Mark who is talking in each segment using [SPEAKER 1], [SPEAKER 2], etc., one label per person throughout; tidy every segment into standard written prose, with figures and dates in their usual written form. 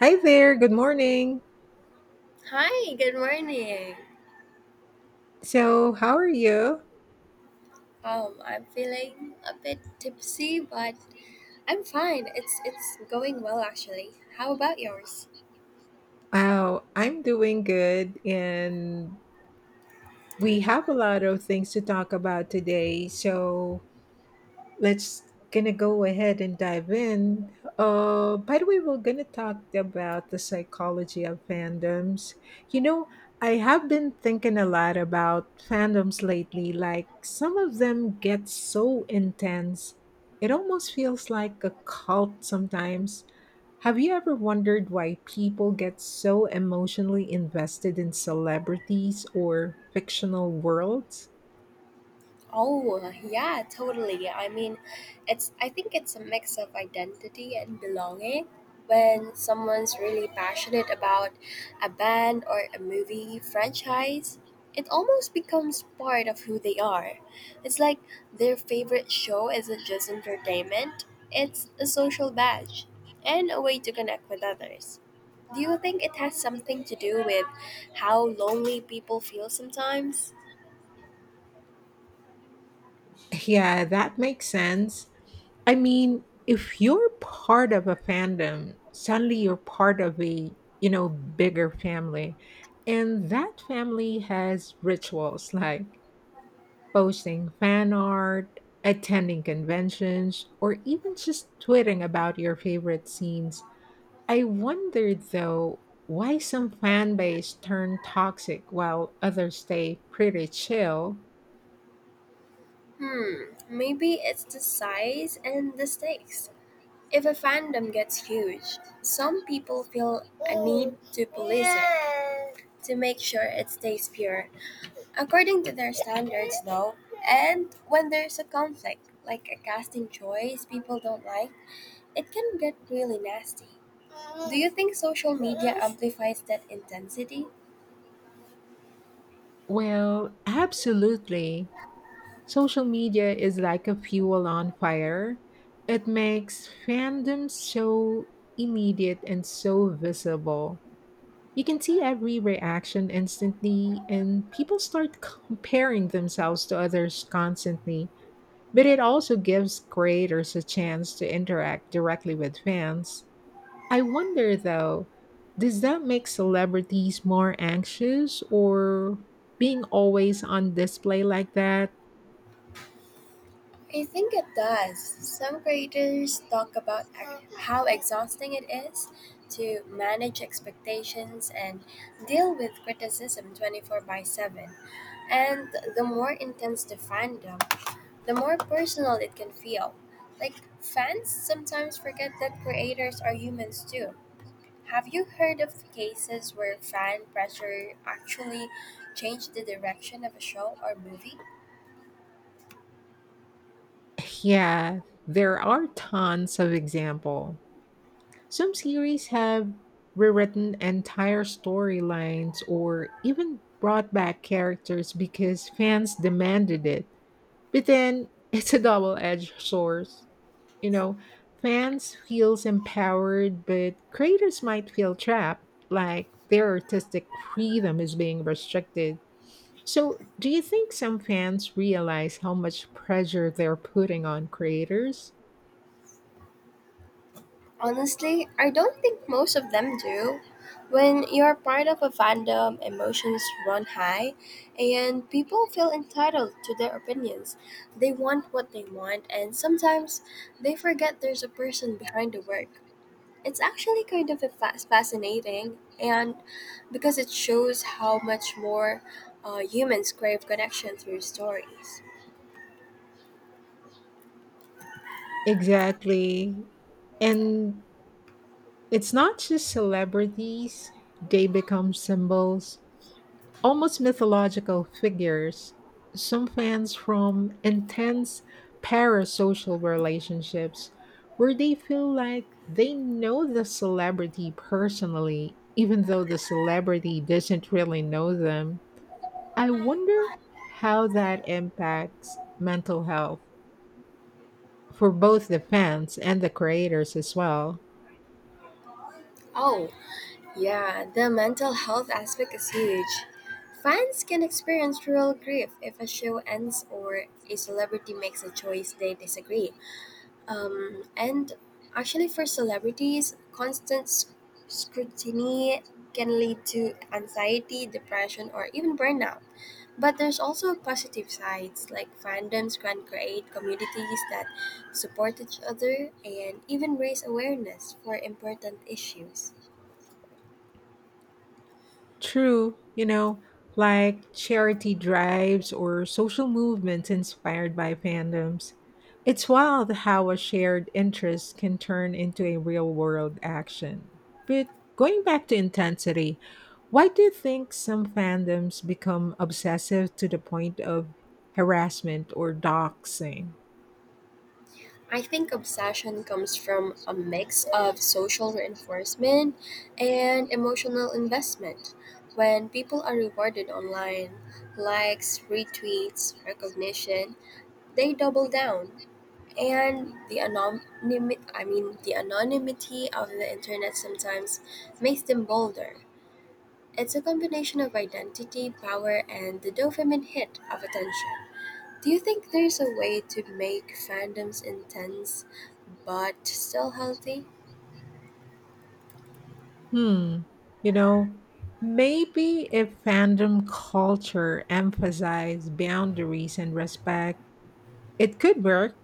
[SPEAKER 1] Hi there, good morning.
[SPEAKER 2] Hi, good morning.
[SPEAKER 1] So, how are you?
[SPEAKER 2] I'm feeling a bit tipsy, but I'm fine. It's going well actually. How about yours?
[SPEAKER 1] Wow, I'm doing good, and we have a lot of things to talk about today. So, let's gonna go ahead and dive in. By the way, we're gonna talk about the psychology of fandoms. You know, I have been thinking a lot about fandoms lately. Like some of them get so intense, it almost feels like a cult sometimes. Have you ever wondered why people get so emotionally invested in celebrities or fictional worlds?
[SPEAKER 2] Oh, yeah, totally. I mean, it's I think it's a mix of identity and belonging. When someone's really passionate about a band or a movie franchise, it almost becomes part of who they are. It's like their favorite show isn't just entertainment, it's a social badge and a way to connect with others. Do you think it has something to do with how lonely people feel sometimes?
[SPEAKER 1] Yeah, that makes sense. I mean, if you're part of a fandom, suddenly you're part of a, bigger family. And that family has rituals like posting fan art, attending conventions, or even just tweeting about your favorite scenes. I wondered though why some fan base turn toxic while others stay pretty chill.
[SPEAKER 2] Hmm, maybe it's the size and the stakes. If a fandom gets huge, some people feel a need to police it to make sure it stays pure, according to their standards, though. And when there's a conflict, like a casting choice people don't like, it can get really nasty. Do you think social media amplifies that intensity?
[SPEAKER 1] Well, absolutely. Social media is like a fuel on fire. It makes fandoms so immediate and so visible. You can see every reaction instantly, and people start comparing themselves to others constantly. But it also gives creators a chance to interact directly with fans. I wonder though, does that make celebrities more anxious or being always on display like that?
[SPEAKER 2] I think it does. Some creators talk about how exhausting it is to manage expectations and deal with criticism 24/7. And the more intense the fandom, the more personal it can feel. Like, fans sometimes forget that creators are humans too. Have you heard of cases where fan pressure actually changed the direction of a show or movie?
[SPEAKER 1] Yeah, there are tons of example. Some series have rewritten entire storylines or even brought back characters because fans demanded it. But then it's a double-edged sword. You know, Fans feels empowered, but creators might feel trapped, like their artistic freedom is being restricted. So, do you think some fans realize how much pressure they're putting on creators?
[SPEAKER 2] Honestly, I don't think most of them do. When you're part of a fandom, emotions run high, and people feel entitled to their opinions. They want what they want, and sometimes they forget there's a person behind the work. It's actually kind of a fascinating, and because it shows how much more humans crave connection through stories.
[SPEAKER 1] Exactly. And it's not just celebrities, they become symbols, almost mythological figures. Some fans from intense parasocial relationships where they feel like they know the celebrity personally, even though the celebrity doesn't really know them. I wonder how that impacts mental health for both the fans and the creators as well.
[SPEAKER 2] Oh, yeah, the mental health aspect is huge. Fans can experience real grief if a show ends or a celebrity makes a choice they disagree. And actually, for celebrities, constant scrutiny can lead to anxiety, depression, or even burnout. But there's also positive sides, like fandoms can create communities that support each other and even raise awareness for important issues.
[SPEAKER 1] True, like charity drives or social movements inspired by fandoms. It's wild how a shared interest can turn into a real world action. But going back to intensity, why do you think some fandoms become obsessive to the point of harassment or doxing?
[SPEAKER 2] I think obsession comes from a mix of social reinforcement and emotional investment. When people are rewarded online, likes, retweets, recognition, they double down. And the anonymity, I mean, the anonymity of the internet sometimes makes them bolder. It's a combination of identity, power, and the dopamine hit of attention. Do you think there's a way to make fandoms intense but still healthy?
[SPEAKER 1] Hmm, you know, maybe if fandom culture emphasized boundaries and respect, it could work,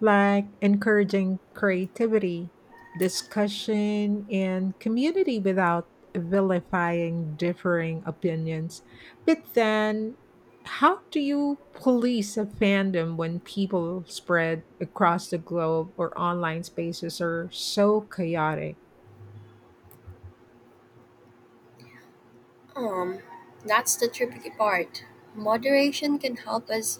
[SPEAKER 1] like encouraging creativity, discussion, and community without vilifying differing opinions. But then, how do you police a fandom when people spread across the globe or online spaces are so chaotic?
[SPEAKER 2] Um, that's the tricky part. Moderation can help us,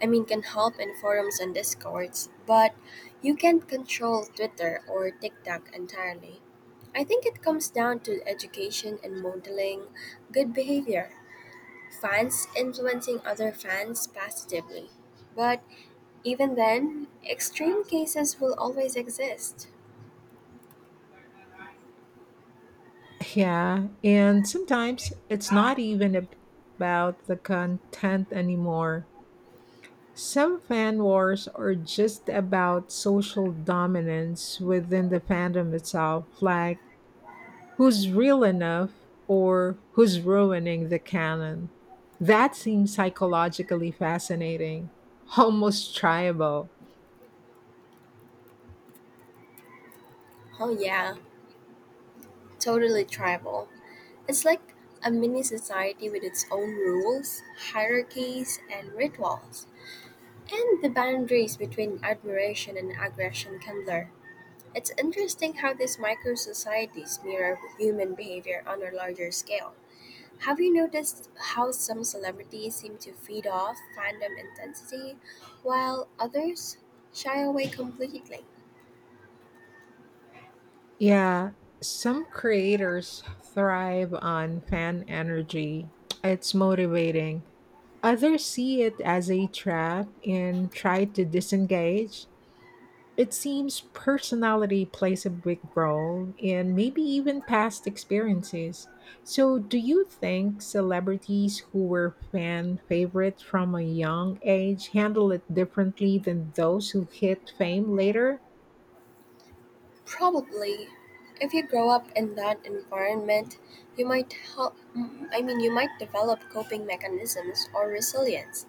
[SPEAKER 2] I mean, can help in forums and discords, but you can't control Twitter or TikTok entirely. I think it comes down to education and modeling good behavior, fans influencing other fans positively. But even then, extreme cases will always exist.
[SPEAKER 1] Yeah, and sometimes it's not even about the content anymore. Some fan wars are just about social dominance within the fandom itself, like who's real enough or who's ruining the canon. That seems psychologically fascinating, almost triable.
[SPEAKER 2] Oh, yeah, totally tribal. It's like a mini society with its own rules, hierarchies, and rituals. And the boundaries between admiration and aggression can blur. It's interesting how these micro societies mirror human behavior on a larger scale. Have you noticed how some celebrities seem to feed off fandom intensity while others shy away completely?
[SPEAKER 1] Yeah, some creators thrive on fan energy. It's motivating. Others see it as a trap and try to disengage. It seems personality plays a big role and maybe even past experiences. So, do you think celebrities who were fan favorites from a young age handle it differently than those who hit fame later?
[SPEAKER 2] Probably. If you grow up in that environment, you might help I mean you might develop coping mechanisms or resilience.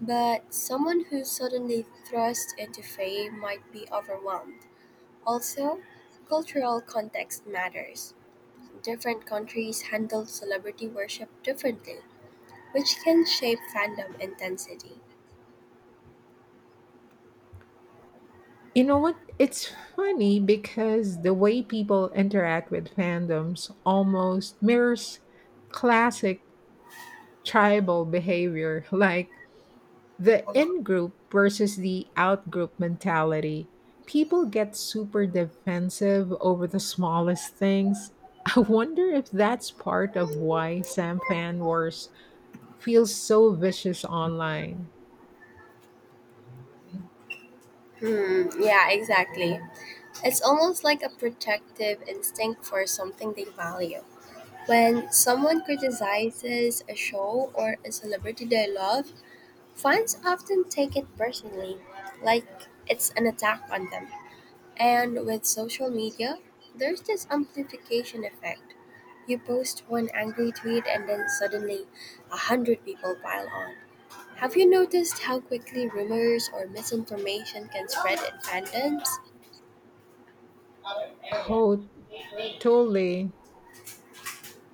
[SPEAKER 2] But someone who suddenly thrust into fame might be overwhelmed. Also, cultural context matters. Different countries handle celebrity worship differently, which can shape fandom intensity.
[SPEAKER 1] You know what? It's funny because the way people interact with fandoms almost mirrors classic tribal behavior. Like, the in group versus the out group mentality. People get super defensive over the smallest things. I wonder if that's part of why Sam fan wars feels so vicious online.
[SPEAKER 2] Hmm, yeah, exactly. It's almost like a protective instinct for something they value. When someone criticizes a show or a celebrity they love, fans often take it personally, like it's an attack on them. And with social media, there's this amplification effect. You post one angry tweet and then suddenly a hundred people pile on. Have you noticed how quickly rumors or misinformation can spread in fandoms?
[SPEAKER 1] Oh, totally.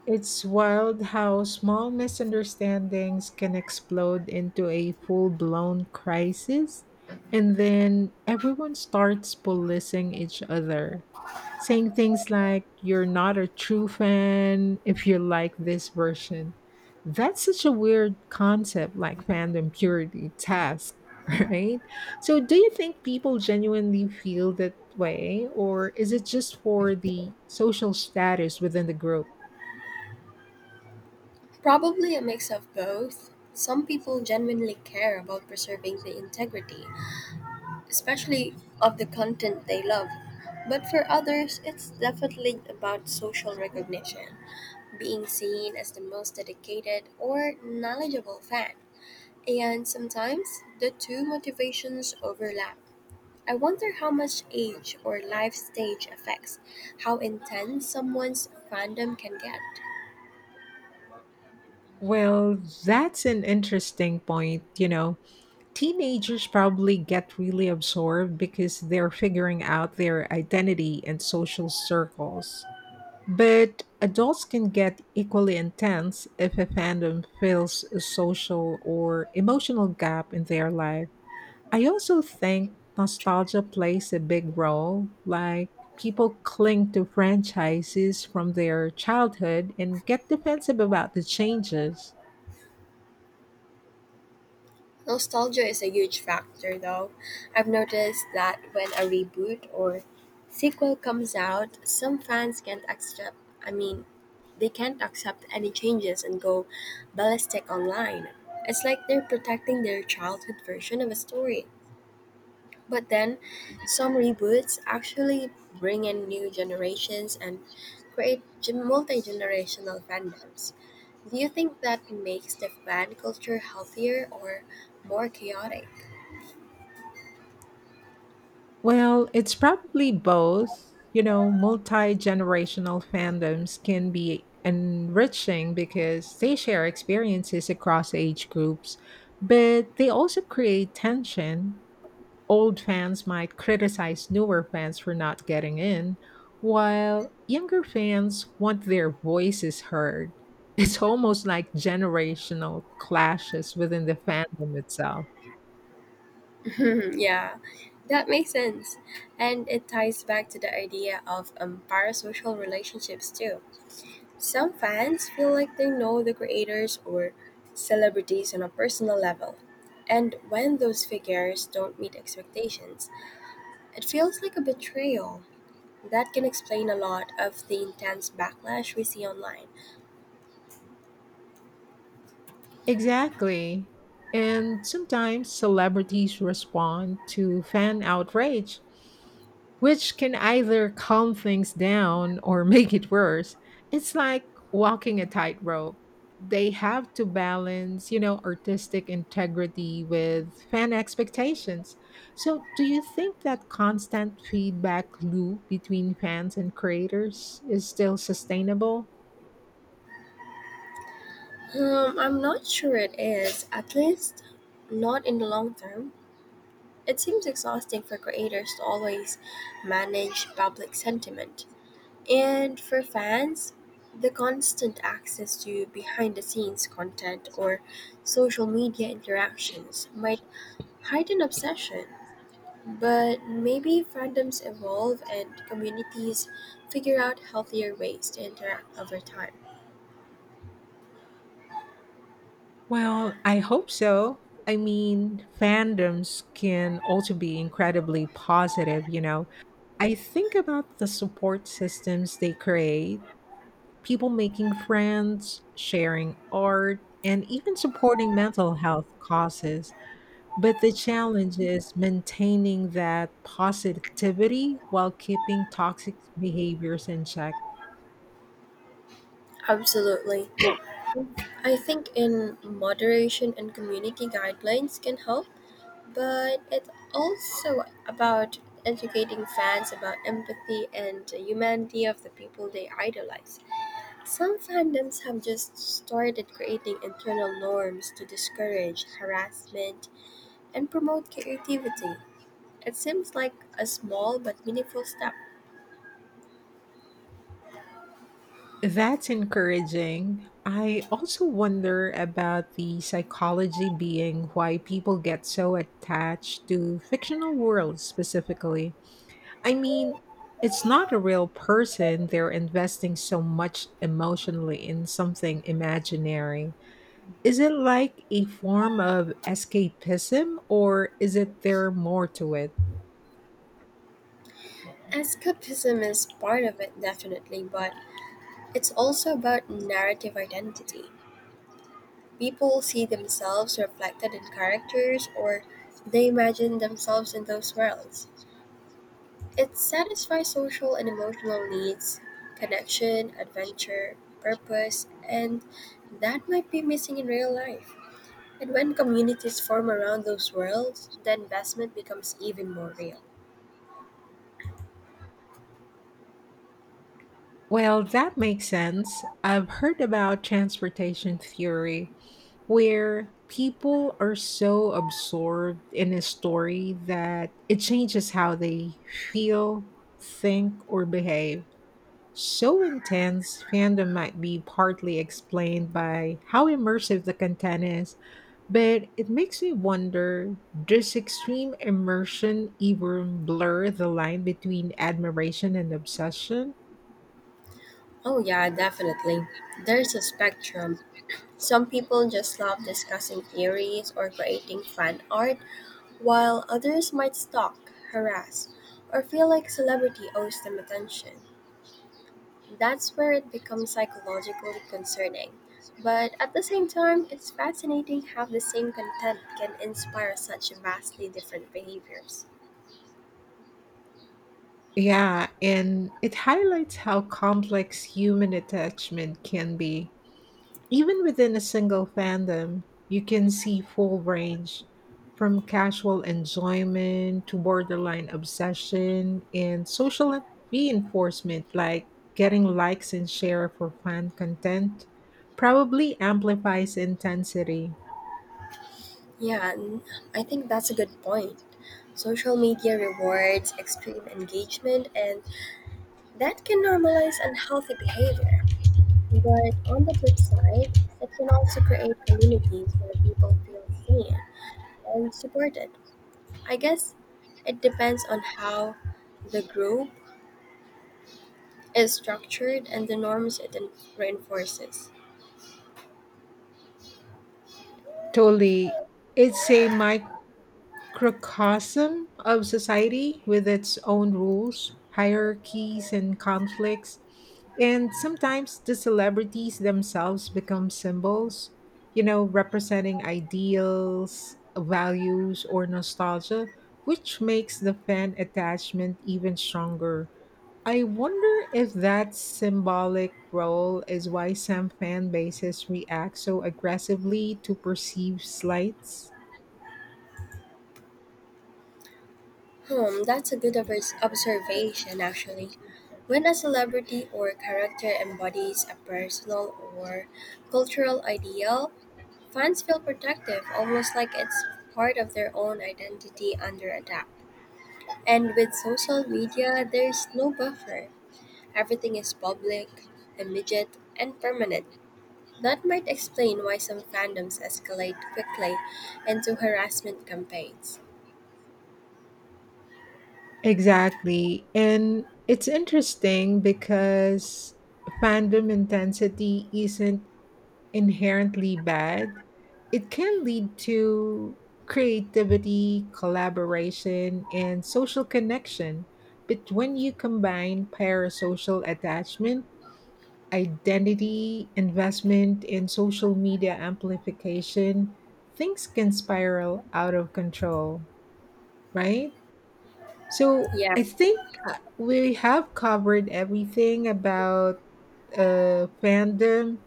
[SPEAKER 1] It's wild how small misunderstandings can explode into a full blown crisis, and then everyone starts policing each other, saying things like you're not a true fan if you like this version. That's such a weird concept like fandom purity test, right? So do you think people genuinely feel that way or is it just for the social status within the group?
[SPEAKER 2] Probably a mix of both. Some people genuinely care about preserving the integrity, especially of the content they love. But for others, it's definitely about social recognition, being seen as the most dedicated or knowledgeable fan. And sometimes the two motivations overlap. I wonder how much age or life stage affects how intense someone's fandom can get.
[SPEAKER 1] Well, that's an interesting point, Teenagers probably get really absorbed because they're figuring out their identity and social circles. But adults can get equally intense if a fandom fills a social or emotional gap in their life. I also think nostalgia plays a big role, like people cling to franchises from their childhood and get defensive about the changes.
[SPEAKER 2] Nostalgia is a huge factor, though. I've noticed that when a reboot or sequel comes out, some fans can't accept, I mean, they can't accept any changes and go ballistic online. It's like they're protecting their childhood version of a story. But then, some reboots actually bring in new generations and create multi generational fandoms. Do you think that makes the fan culture healthier or more chaotic?
[SPEAKER 1] Well, it's probably both. Multi generational fandoms can be enriching because they share experiences across age groups, but they also create tension. Old fans might criticize newer fans for not getting in, while younger fans want their voices heard. It's almost like generational clashes within the fandom itself.
[SPEAKER 2] Yeah, that makes sense. And it ties back to the idea of parasocial relationships too. Some fans feel like they know the creators or celebrities on a personal level. And when those figures don't meet expectations, it feels like a betrayal. That can explain a lot of the intense backlash we see online.
[SPEAKER 1] Exactly. And sometimes celebrities respond to fan outrage, which can either calm things down or make it worse. It's like walking a tightrope. They have to balance, artistic integrity with fan expectations. So, do you think that constant feedback loop between fans and creators is still sustainable?
[SPEAKER 2] I'm not sure it is, at least not in the long term. It seems exhausting for creators to always manage public sentiment. And for fans, the constant access to behind the scenes content or social media interactions might heighten obsession. But maybe fandoms evolve and communities figure out healthier ways to interact over time.
[SPEAKER 1] Well, I hope so. I mean, fandoms can also be incredibly positive. I think about the support systems they create, people making friends, sharing art, and even supporting mental health causes. But the challenge is maintaining that positivity while keeping toxic behaviors in check.
[SPEAKER 2] Absolutely. I think in moderation and community guidelines can help, but it's also about educating fans about empathy and the humanity of the people they idolize. Some fandoms have just started creating internal norms to discourage harassment and promote creativity. It seems like a small but meaningful step.
[SPEAKER 1] That's encouraging. I also wonder about the psychology being why people get so attached to fictional worlds specifically. I mean, it's not a real person, they're investing so much emotionally in something imaginary. Is it like a form of escapism, or is it there more to it?
[SPEAKER 2] Escapism is part of it, definitely, but it's also about narrative identity. People see themselves reflected in characters or they imagine themselves in those worlds. It satisfies social and emotional needs, connection, adventure, purpose, and that might be missing in real life. And when communities form around those worlds, the investment becomes even more real.
[SPEAKER 1] Well, that makes sense. I've heard about transportation theory where people are so absorbed in a story that it changes how they feel, think, or behave. So intense, fandom might be partly explained by how immersive the content is, but it makes me wonder does extreme immersion even blur the line between admiration and obsession?
[SPEAKER 2] Oh, yeah, definitely. There's a spectrum. Some people just love discussing theories or creating fan art, while others might stalk, harass, or feel like celebrity owes them attention. That's where it becomes psychologically concerning. But at the same time, it's fascinating how the same content can inspire such vastly different behaviors.
[SPEAKER 1] Yeah, and it highlights how complex human attachment can be. Even within a single fandom, you can see full range from casual enjoyment to borderline obsession and social reinforcement like getting likes and share for fan content probably amplifies intensity.
[SPEAKER 2] Yeah, and I think that's a good point. Social media rewards extreme engagement and that can normalize unhealthy behavior, but on the flip side, it can also create communities where people feel seen and supported. I guess it depends on how the group is structured and the norms it reinforces.
[SPEAKER 1] Totally. It's a microcosm of society with its own rules, hierarchies, and conflicts. And sometimes the celebrities themselves become symbols, representing ideals, values, or nostalgia, which makes the fan attachment even stronger. I wonder if that symbolic role is why some fan bases react so aggressively to perceived slights.
[SPEAKER 2] Hmm, that's a good observation actually. When a celebrity or character embodies a personal or cultural ideal, fans feel protective, almost like it's part of their own identity under attack. And with social media, there's no buffer. Everything is public, immediate, and permanent. That might explain why some fandoms escalate quickly into harassment campaigns.
[SPEAKER 1] Exactly. And it's interesting because fandom intensity isn't inherently bad. It can lead to creativity, collaboration, and social connection. But when you combine parasocial attachment, identity, investment, and social media amplification, things can spiral out of control, right? So
[SPEAKER 2] Yeah.
[SPEAKER 1] I think we have covered everything about fandom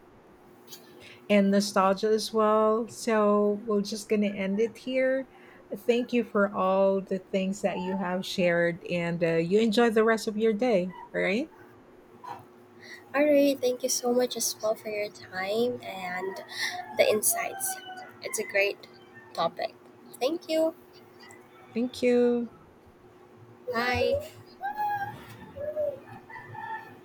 [SPEAKER 1] and nostalgia as well. So we're just gonna end it here. Thank you for all the things that you have shared, and you enjoy the rest of your day. All right.
[SPEAKER 2] All right. Thank you so much as well for your time and the insights. It's a great topic. Thank you.
[SPEAKER 1] Thank you.
[SPEAKER 2] Bye.